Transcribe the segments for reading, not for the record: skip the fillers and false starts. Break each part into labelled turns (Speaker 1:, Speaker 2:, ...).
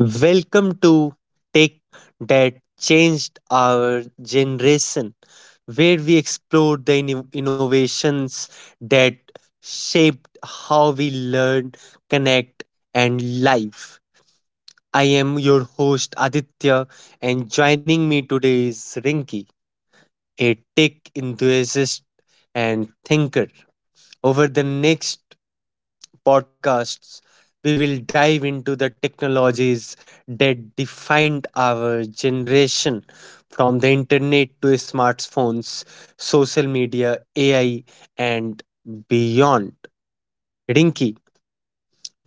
Speaker 1: Welcome to Tech That Changed Our Generation, where we explore the innovations that shaped how we learn, connect, and live. I am your host Aditya, and joining me today is Rinki, a tech enthusiast and thinker. Over the next podcasts, we will dive into the technologies that defined our generation from the internet to smartphones, social media, AI, and beyond. Rinki,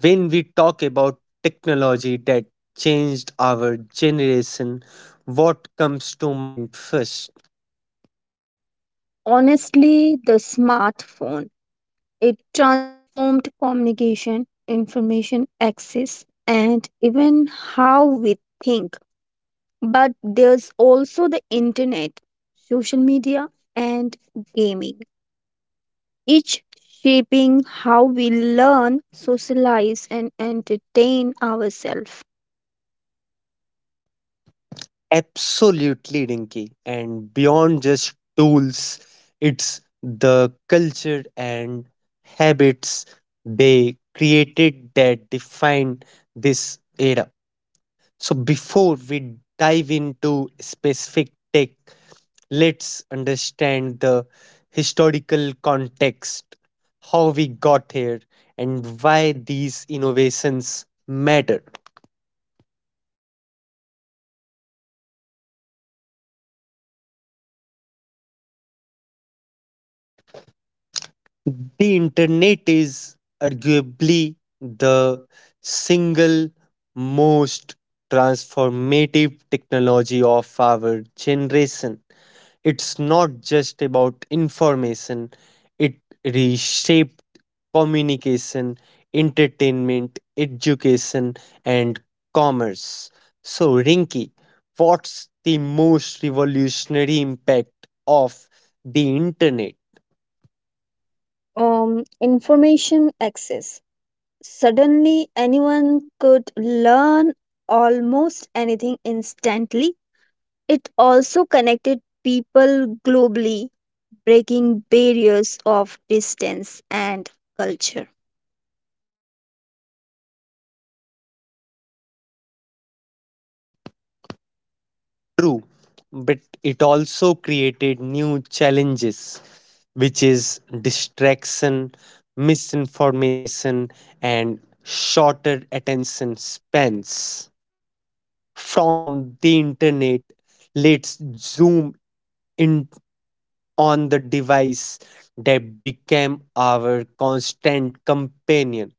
Speaker 1: when we talk about technology that changed our generation, what comes to mind first?
Speaker 2: Honestly, the smartphone. It transformed communication, information access, and even how we think. But there's also the internet, social media, and gaming, each shaping how we learn, socialize, and entertain ourselves.
Speaker 1: Absolutely, Dinky, and beyond just tools, it's the culture and habits they created that define this era. So, before we dive into specific tech, let's understand the historical context, how we got here, and why these innovations matter. The internet is arguably the single most transformative technology of our generation. It's not just about information, it reshaped communication, entertainment, education, and commerce. So, Rinky, what's the most revolutionary impact of the internet?
Speaker 2: Information access. Suddenly, anyone could learn almost anything instantly. It also connected people globally, breaking barriers of distance and culture.
Speaker 1: True, but it also created new challenges, which is distraction, misinformation, and shorter attention spans. From the internet, let's zoom in on the device that became our constant companion,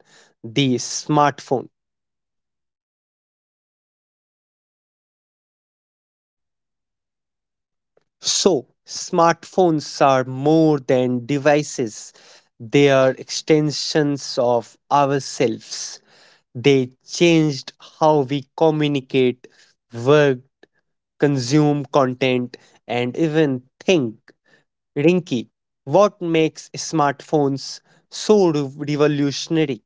Speaker 1: the smartphone. So, smartphones are more than devices, they are extensions of ourselves. They changed how we communicate, work, consume content, and even think. Rinky, what makes smartphones so revolutionary?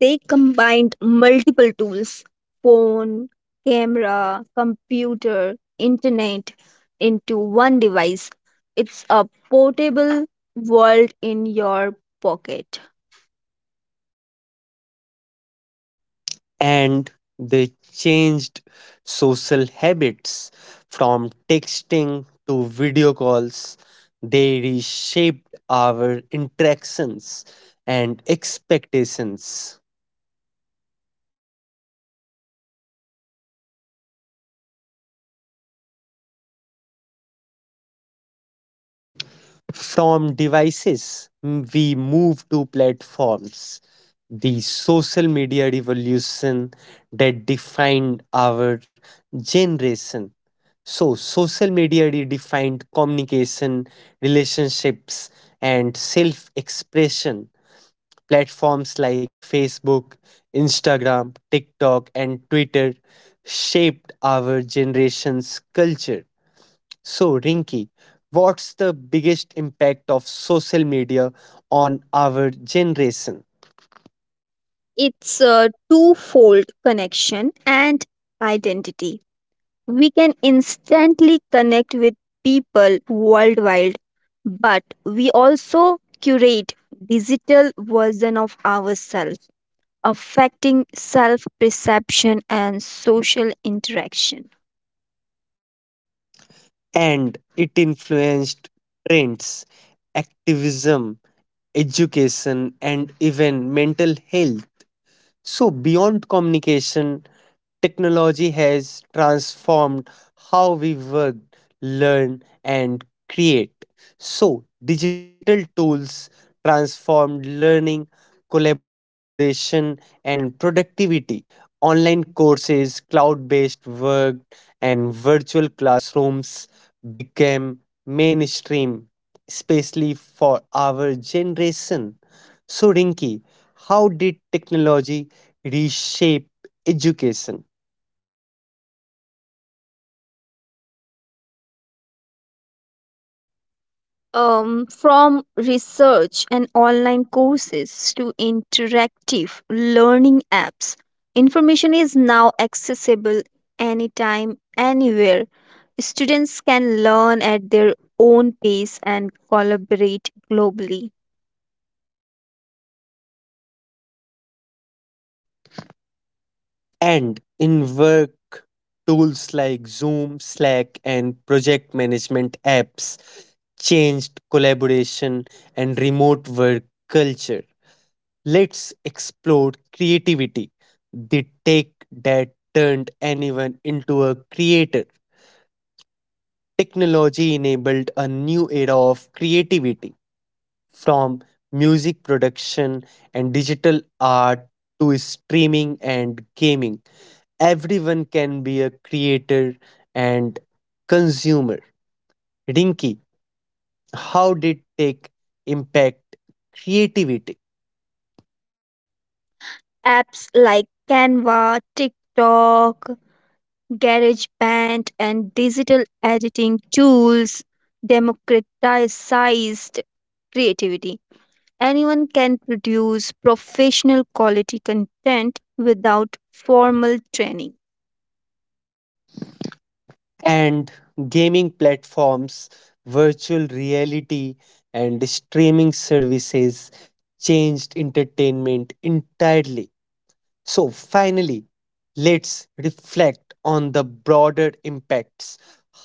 Speaker 2: They combined multiple tools: phone, camera, computer, internet into one device. It's a portable world in your pocket.
Speaker 1: And they changed social habits from texting to video calls. They reshaped our interactions and expectations. From devices, we move to platforms. The social media revolution that defined our generation. So, social media redefined communication, relationships, and self expression. Platforms like Facebook, Instagram, TikTok, and Twitter shaped our generation's culture. So, Rinky, what's the biggest impact of social media on our generation?
Speaker 2: It's a twofold: connection and identity. We can instantly connect with people worldwide, but we also curate digital version of ourselves, affecting self-perception and social interaction.
Speaker 1: And it influenced trends, activism, education, and even mental health. So, beyond communication, technology has transformed how we work, learn, and create. So, digital tools transformed learning, collaboration, and productivity. Online courses, cloud based work, and virtual classrooms became mainstream, especially for our generation. So, Rinki, how did technology reshape education?
Speaker 2: From research and online courses to interactive learning apps, information is now accessible anytime, anywhere. Students can learn at their own pace and collaborate globally.
Speaker 1: And in work, tools like Zoom, Slack, and project management apps changed collaboration and remote work culture. Let's explore creativity, the tech that turned anyone into a creator. Technology enabled a new era of creativity from music production and digital art to streaming and gaming. Everyone can be a creator and consumer. Rinky, how did tech impact creativity?
Speaker 2: Apps like Canva, TikTok, GarageBand, and digital editing tools democratized creativity. Anyone can produce professional quality content without formal training.
Speaker 1: And gaming platforms, virtual reality, and streaming services changed entertainment entirely. So, finally, let's reflect on the broader impacts,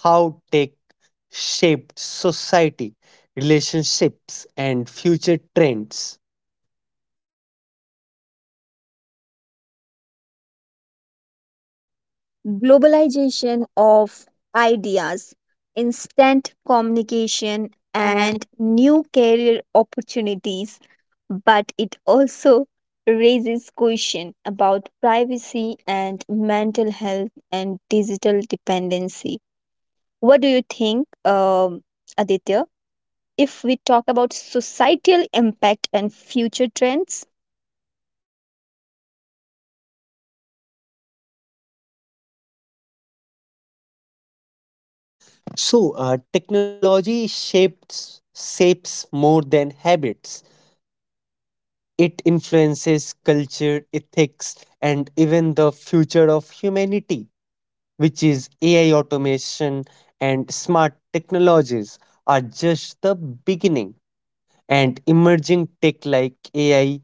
Speaker 1: how tech shaped society, relationships, and future trends.
Speaker 2: Globalization of ideas, instant communication, and new career opportunities, but it also raises question about privacy and mental health and digital dependency. What do you think, Aditya? If we talk about societal impact and future trends,
Speaker 1: So, technology shapes more than habits. It influences culture, ethics, and even the future of humanity, which is AI automation and smart technologies are just the beginning. And emerging tech like AI,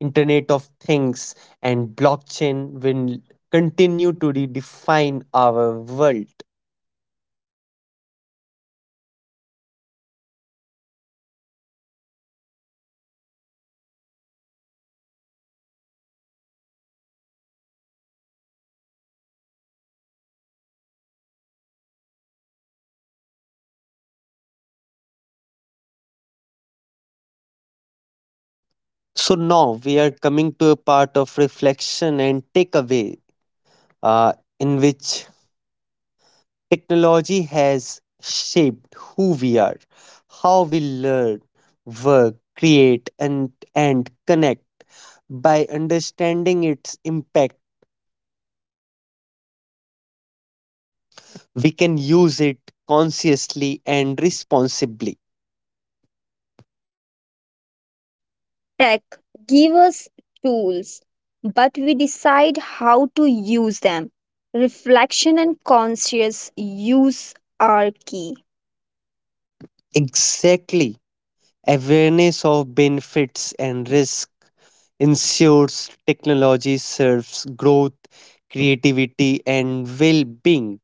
Speaker 1: Internet of Things, and blockchain will continue to redefine our world. So now we are coming to a part of reflection and takeaway, uh, in which technology has shaped who we are, how we learn, work, create, and connect. By understanding its impact, we can use it consciously and responsibly.
Speaker 2: tech give us tools, but we decide how to use them. Reflection and conscious use are key.
Speaker 1: Exactly. Awareness of benefits and risk ensures technology serves growth, creativity, and well being.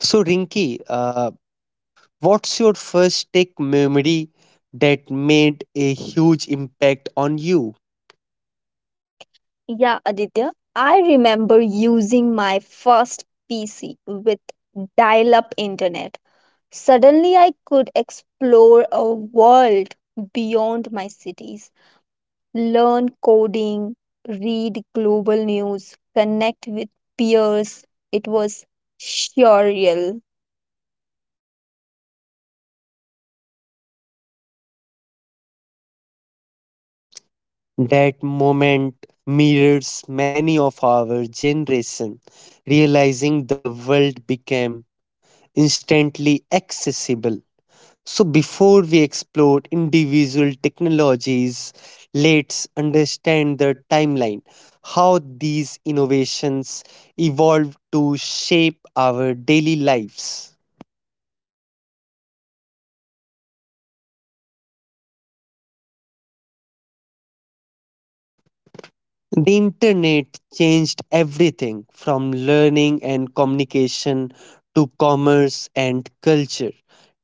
Speaker 1: So, Rinki, what's your first tech memory that made a huge impact on you?
Speaker 2: Yeah, Aditya, I remember using my first PC with dial up internet. Suddenly, I could explore a world beyond my cities, learn coding, read global news, connect with peers. It was surreal.
Speaker 1: That moment mirrors many of our generation realizing the world became instantly accessible. So, before we explore individual technologies, let's understand the timeline, how these innovations evolved to shape our daily lives. The internet changed everything from learning and communication to commerce and culture.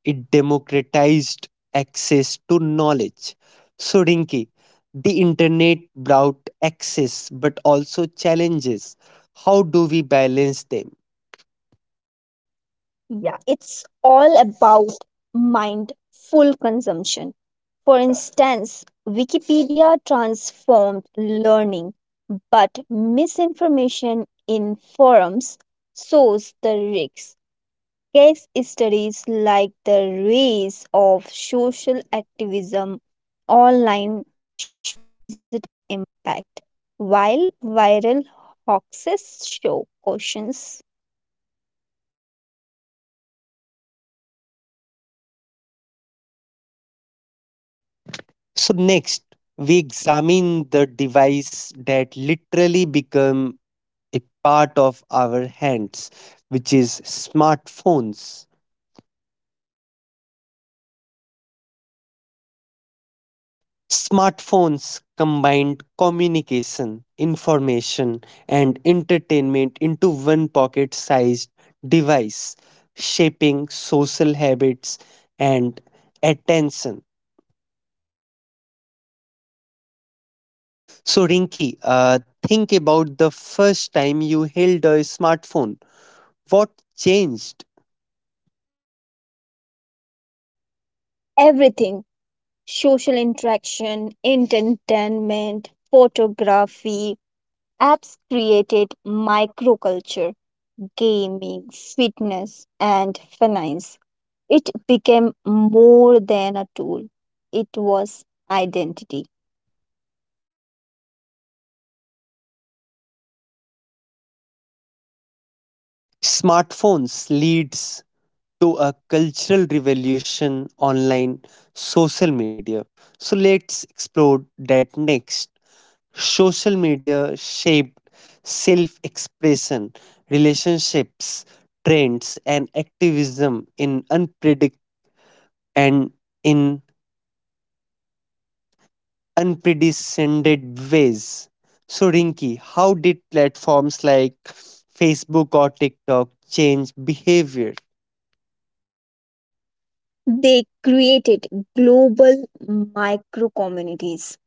Speaker 1: It democratized access to knowledge. So, Rinki, the internet brought access but also challenges. How do we balance them?
Speaker 2: Yeah, it's all about mindful consumption. For instance, Wikipedia transformed learning, but misinformation in forums shows the risks. Case studies like the rise of social activism online show positive impact, while viral hoaxes show cautions.
Speaker 1: So, next, we examine the device that literally become a part of our hands, which is smartphones. Smartphones combined communication, information, and entertainment into one pocket sized device, shaping social habits and attention. So, Rinki, think about the first time you held a smartphone. What changed?
Speaker 2: Everything: social interaction, entertainment, photography. Apps created microculture, gaming, fitness, and finance. It became more than a tool, it was identity.
Speaker 1: Smartphones leads to a cultural revolution online social media. So let's explore that next. Social media shaped self expression, relationships, trends, and activism in unpredict and in unprecedented ways. So, Rinki, how did platforms like Facebook or TikTok change behavior?
Speaker 2: They created global micro communities.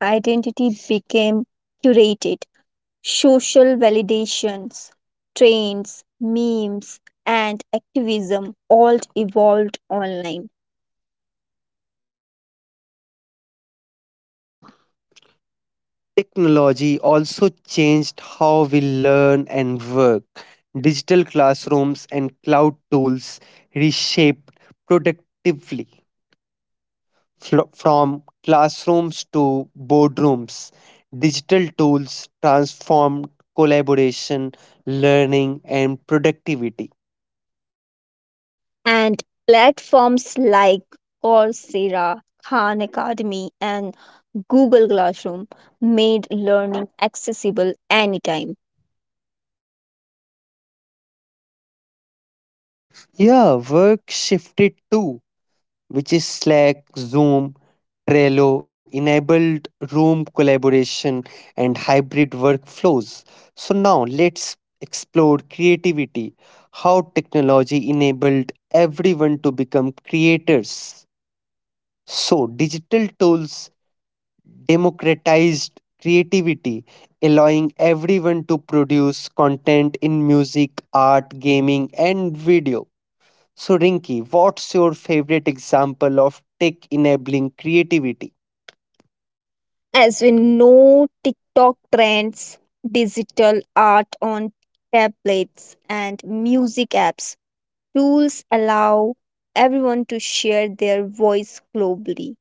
Speaker 2: Identity became curated. Social validations, trends, memes, and activism all evolved online,
Speaker 1: Technology also changed how we learn and work. Digital classrooms and cloud tools reshaped productively from classrooms to boardrooms. Digital tools transformed collaboration, learning, and productivity.
Speaker 2: and platforms like Coursera, Khan Academy, and Google Classroom made learning accessible anytime.
Speaker 1: Yeah, work shifted too, which is Slack, Zoom, Trello, enabled room collaboration and hybrid workflows. So now let's explore creativity, how technology enabled everyone to become creators. So digital tools democratized creativity, allowing everyone to produce content in music, art, gaming and video. So, Rinki, what's your favorite example of tech enabling creativity?
Speaker 2: As we know, TikTok trends, digital art on tablets, and music apps, tools allow everyone to share their voice globally.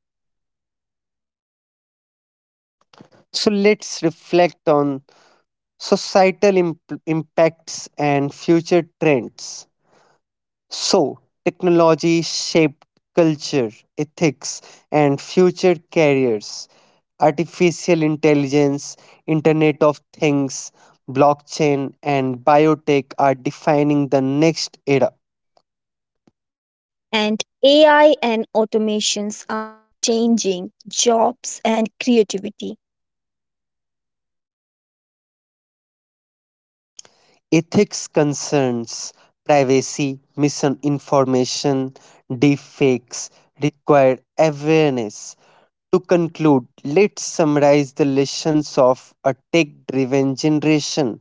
Speaker 1: So, let's reflect on societal impacts and future trends. So, technology shaped culture, ethics, and future careers. Artificial intelligence, Internet of Things, blockchain, and biotech are defining the next era.
Speaker 2: And AI and automations are changing jobs and creativity.
Speaker 1: Ethics concerns, privacy, misinformation, deepfakes require awareness. To conclude, let's summarize the lessons of a tech driven generation.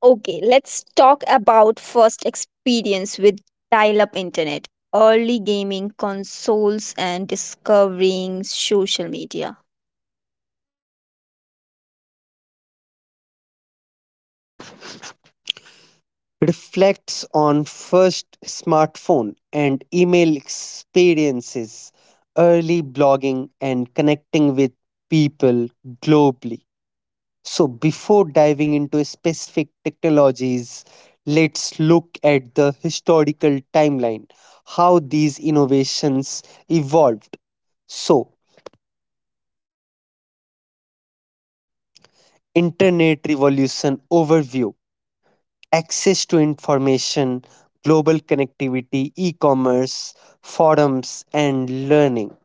Speaker 2: Okay, let's talk about first experience with dial up internet, early gaming consoles, and discovering social media.
Speaker 1: Reflects on first smartphone and email experiences, early blogging, and connecting with people globally. So, before diving into specific technologies, let's look at the historical timeline, how these innovations evolved. So, Internet Revolution Overview. Access to information, global connectivity, e commerce, forums, and learning.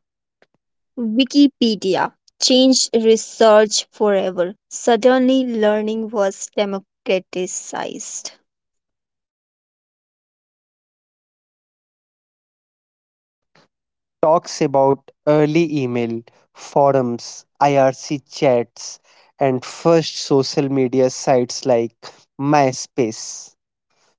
Speaker 2: Wikipedia changed research forever. Suddenly, learning was democratized.
Speaker 1: Talks about early email, forums, IRC chats, and first social media sites like MySpace.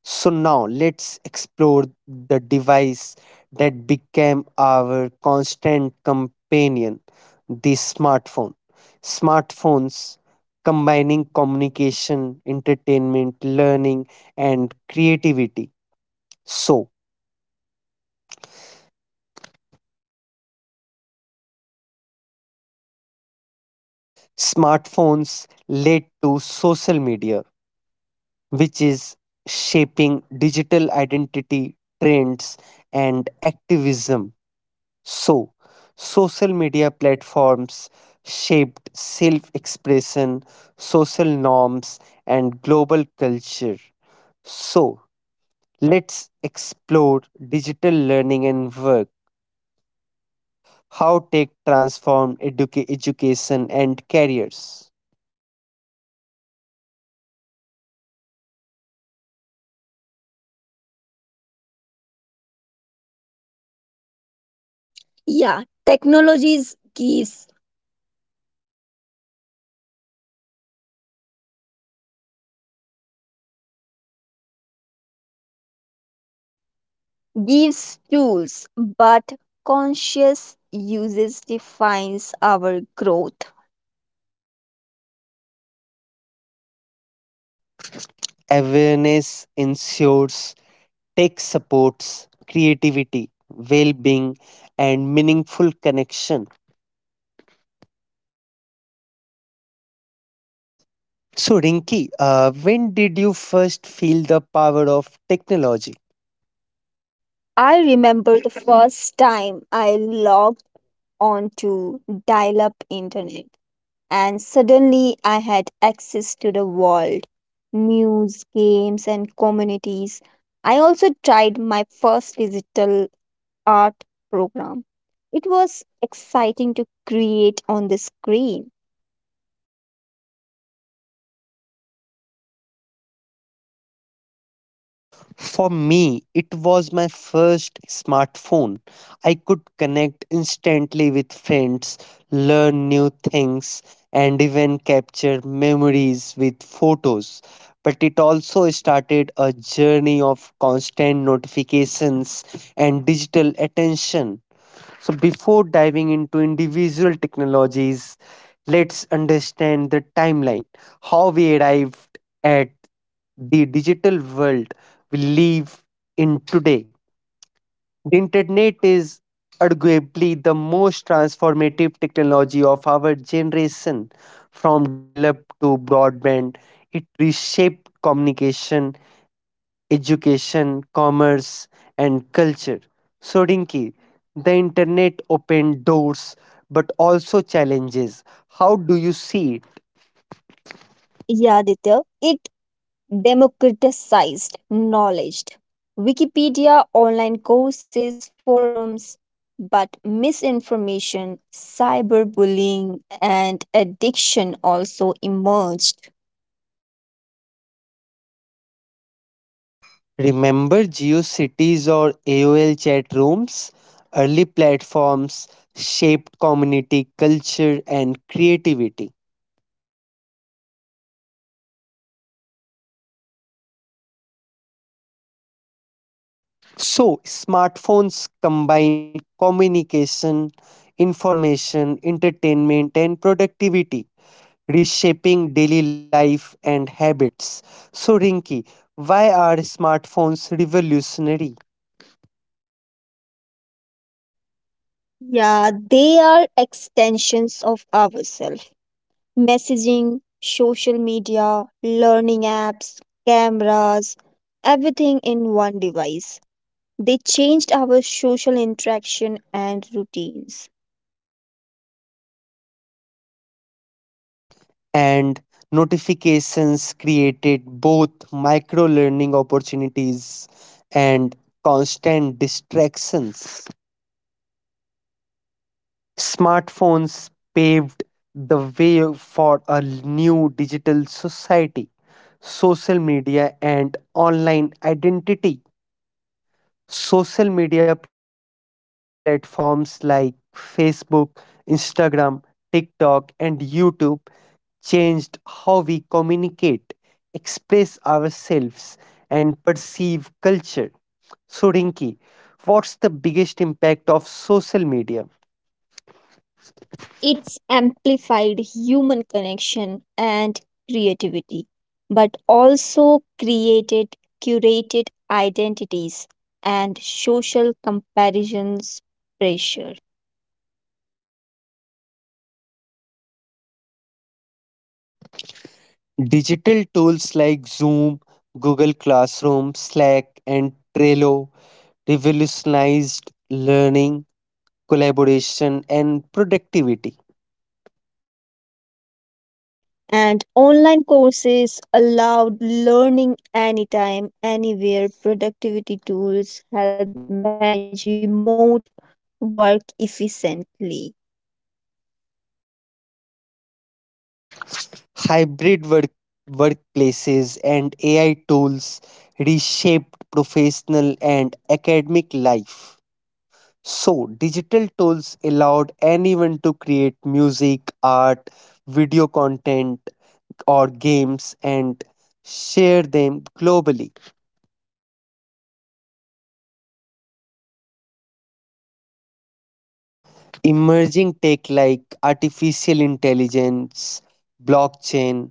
Speaker 1: So now let's explore the device that became our constant companion, the smartphone. Smartphones combining communication, entertainment, learning, and creativity. So, smartphones led to social media, which is shaping digital identity trends and activism. So, social media platforms shaped self expression, social norms, and global culture. So, let's explore digital learning and work, how tech transformed education and careers.
Speaker 2: Yeah, technologies gives tools, but conscious uses defines our growth.
Speaker 1: Awareness ensures tech supports creativity, well being, and meaningful connection. So, Rinki, when did you first feel the power of technology?
Speaker 2: I remember the first time I logged onto dial up internet, and suddenly I had access to the world: news, games, and communities. I also tried my first digital art program. It was exciting to create on the screen.
Speaker 1: For me, it was my first smartphone. I could connect instantly with friends, learn new things, and even capture memories with photos. But it also started a journey of constant notifications and digital attention. So, before diving into individual technologies, let's understand the timeline, how we arrived at the digital world we live in today. The internet is arguably the most transformative technology of our generation. From dial up to broadband, it reshaped communication education, commerce, and culture. So, Rinki, the internet opened doors but also challenges. How do you see it?
Speaker 2: Yeah, Ditya, it democratized knowledge. Wikipedia, online courses, forums, but misinformation, cyberbullying, and addiction also emerged.
Speaker 1: Remember GeoCities or AOL chat rooms? Early platforms shaped community culture and creativity. So, smartphones combine communication, information, entertainment, and productivity, reshaping daily life and habits. So, Rinki, why are smartphones revolutionary?
Speaker 2: Yeah, they are extensions of ourselves. Messaging, social media, learning apps, cameras, everything in one device. They changed our social interaction and routines.
Speaker 1: And notifications created both micro learning opportunities and constant distractions. Smartphones paved the way for a new digital society, social media, and online identity. Social media platforms like Facebook, Instagram, TikTok, and YouTube changed how we communicate, express ourselves, and perceive culture. So, Rinki, what's the biggest impact of social media?
Speaker 2: It's amplified human connection and creativity, but also created curated identities and social comparisons pressure.
Speaker 1: Digital tools like Zoom, Google Classroom, Slack, and Trello revolutionized learning, collaboration, and productivity.
Speaker 2: And online courses allowed learning anytime, anywhere. Productivity tools helped manage remote work efficiently.
Speaker 1: Hybrid work, workplaces and AI tools reshaped professional and academic life. So, digital tools allowed anyone to create music, art, video content, or games and share them globally. Emerging tech like artificial intelligence, blockchain,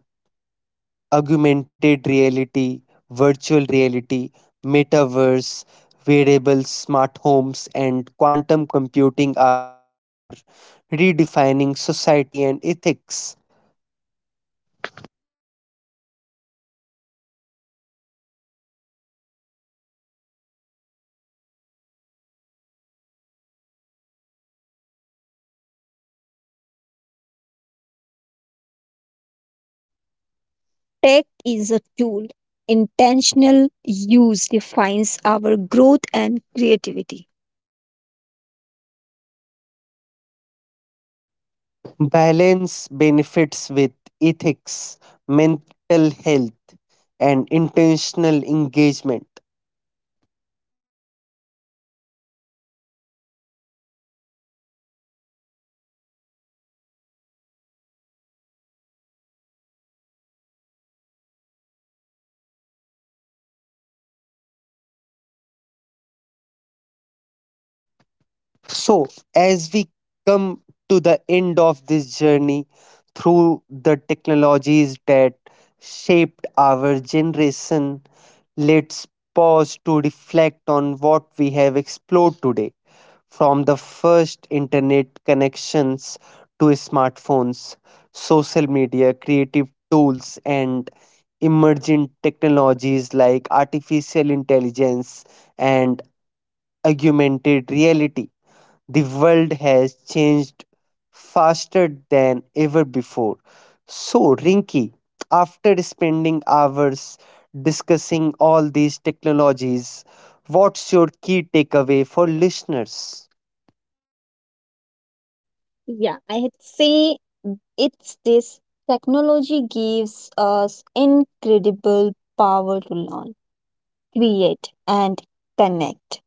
Speaker 1: augmented reality, virtual reality, metaverse, wearables, smart homes, and quantum computing are redefining society and ethics.
Speaker 2: Tech is a tool. Intentional use defines our growth and creativity.
Speaker 1: Balance benefits with ethics, mental health, and intentional engagement. So, as we come to the end of this journey through the technologies that shaped our generation, let's pause to reflect on what we have explored today, from the first internet connections to smartphones, social media, creative tools, and emerging technologies like artificial intelligence and augmented reality. The world has changed faster than ever before. So, Rinky, after spending hours discussing all these technologies, what's your key takeaway for listeners?
Speaker 2: Yeah, I had say it's this: technology gives us incredible power to learn, create, and connect.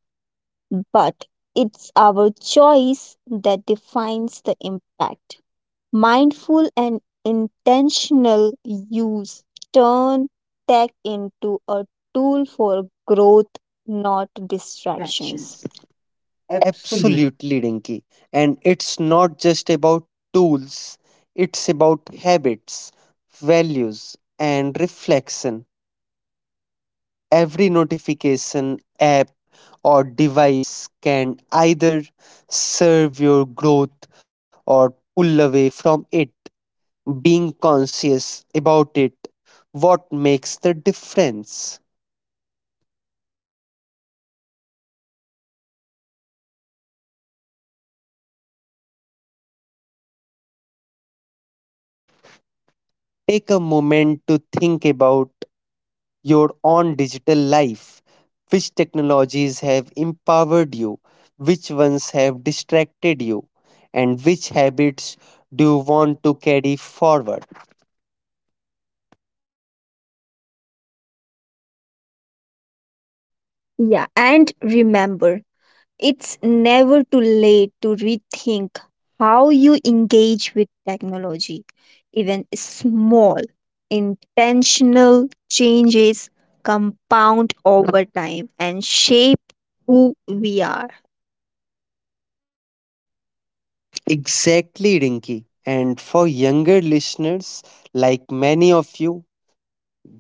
Speaker 2: But it's our choice that defines the impact. Mindful and intentional use turn tech into a tool for growth, not distractions.
Speaker 1: Distractions.
Speaker 2: Absolutely.
Speaker 1: Absolutely, Rinky. And it's not just about tools, it's about habits, values, and reflection. Every notification app or device can either serve your growth or pull away from it. Being conscious about it, what makes the difference? Take a moment to think about your own digital life. Which technologies have empowered you? Which ones have distracted you? And which habits do you want to carry forward?
Speaker 2: Yeah, and remember, it's never too late to rethink how you engage with technology. Even small, intentional changes compound over time and shape who we are.
Speaker 1: Exactly, Rinki. And for younger listeners, like many of you,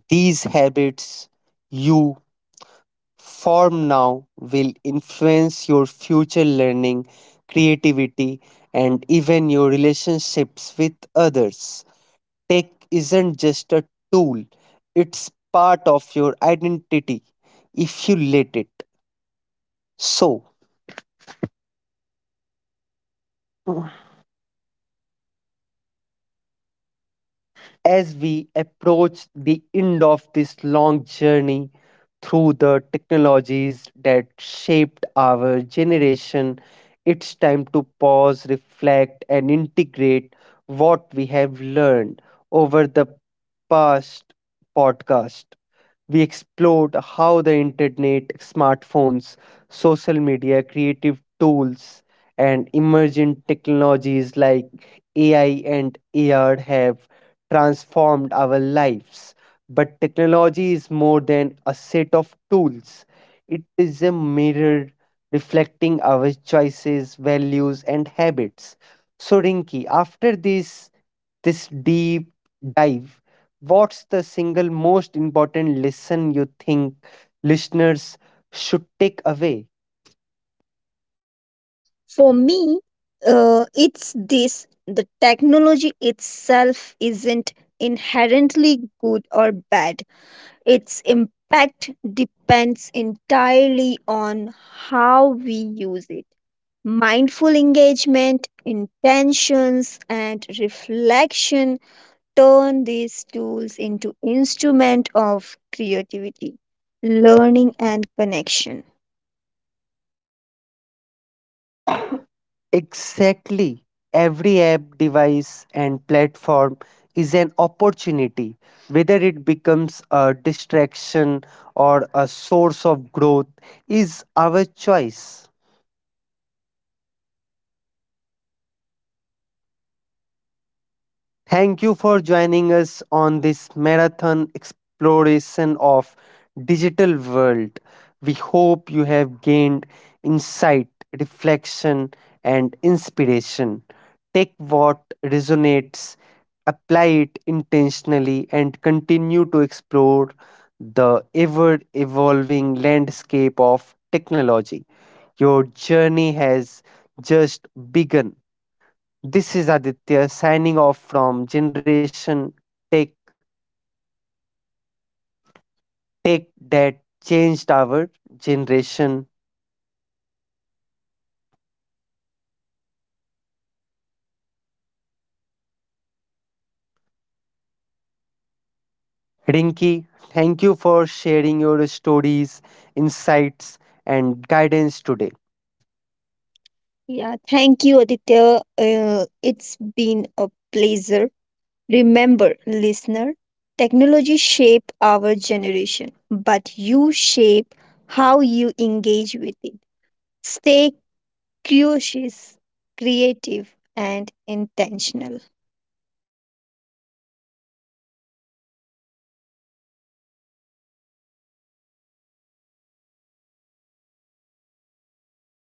Speaker 1: these habits you form now will influence your future learning, creativity, and even your relationships with others. Tech isn't just a tool, it's part of your identity if you let it. So, as we approach the end of this long journey through the technologies that shaped our generation, it's time to pause, reflect, and integrate what we have learned over the past podcast. We explored how the internet, smartphones, social media, creative tools, and emerging technologies like AI and AR have transformed our lives. But technology is more than a set of tools, it is a mirror reflecting our choices, values, and habits. So, Rinki, after this deep dive, what's the single most important lesson you think listeners should take away?
Speaker 2: For me, it's this: the technology itself isn't inherently good or bad. Its impact depends entirely on how we use it. Mindful engagement, intentions, and reflection turn these tools into instrument of creativity, learning, and connection.
Speaker 1: Exactly. Every app, device, and platform is an opportunity, whether it becomes a distraction or a source of growth, is our choice. Thank you for joining us on this marathon exploration of digital world. We hope you have gained insight, reflection and inspiration. Take what resonates, apply it intentionally and continue to explore the ever evolving landscape of technology. Your journey has just begun. This is Aditya signing off from Generation Tech. Tech that changed our generation. Rinki, thank you for sharing your stories, insights, and guidance today.
Speaker 2: Yeah, thank you, Aditya. It's been a pleasure. Remember, listener, technology shape our generation, but you shape how you engage with it. Stay curious, creative, and intentional.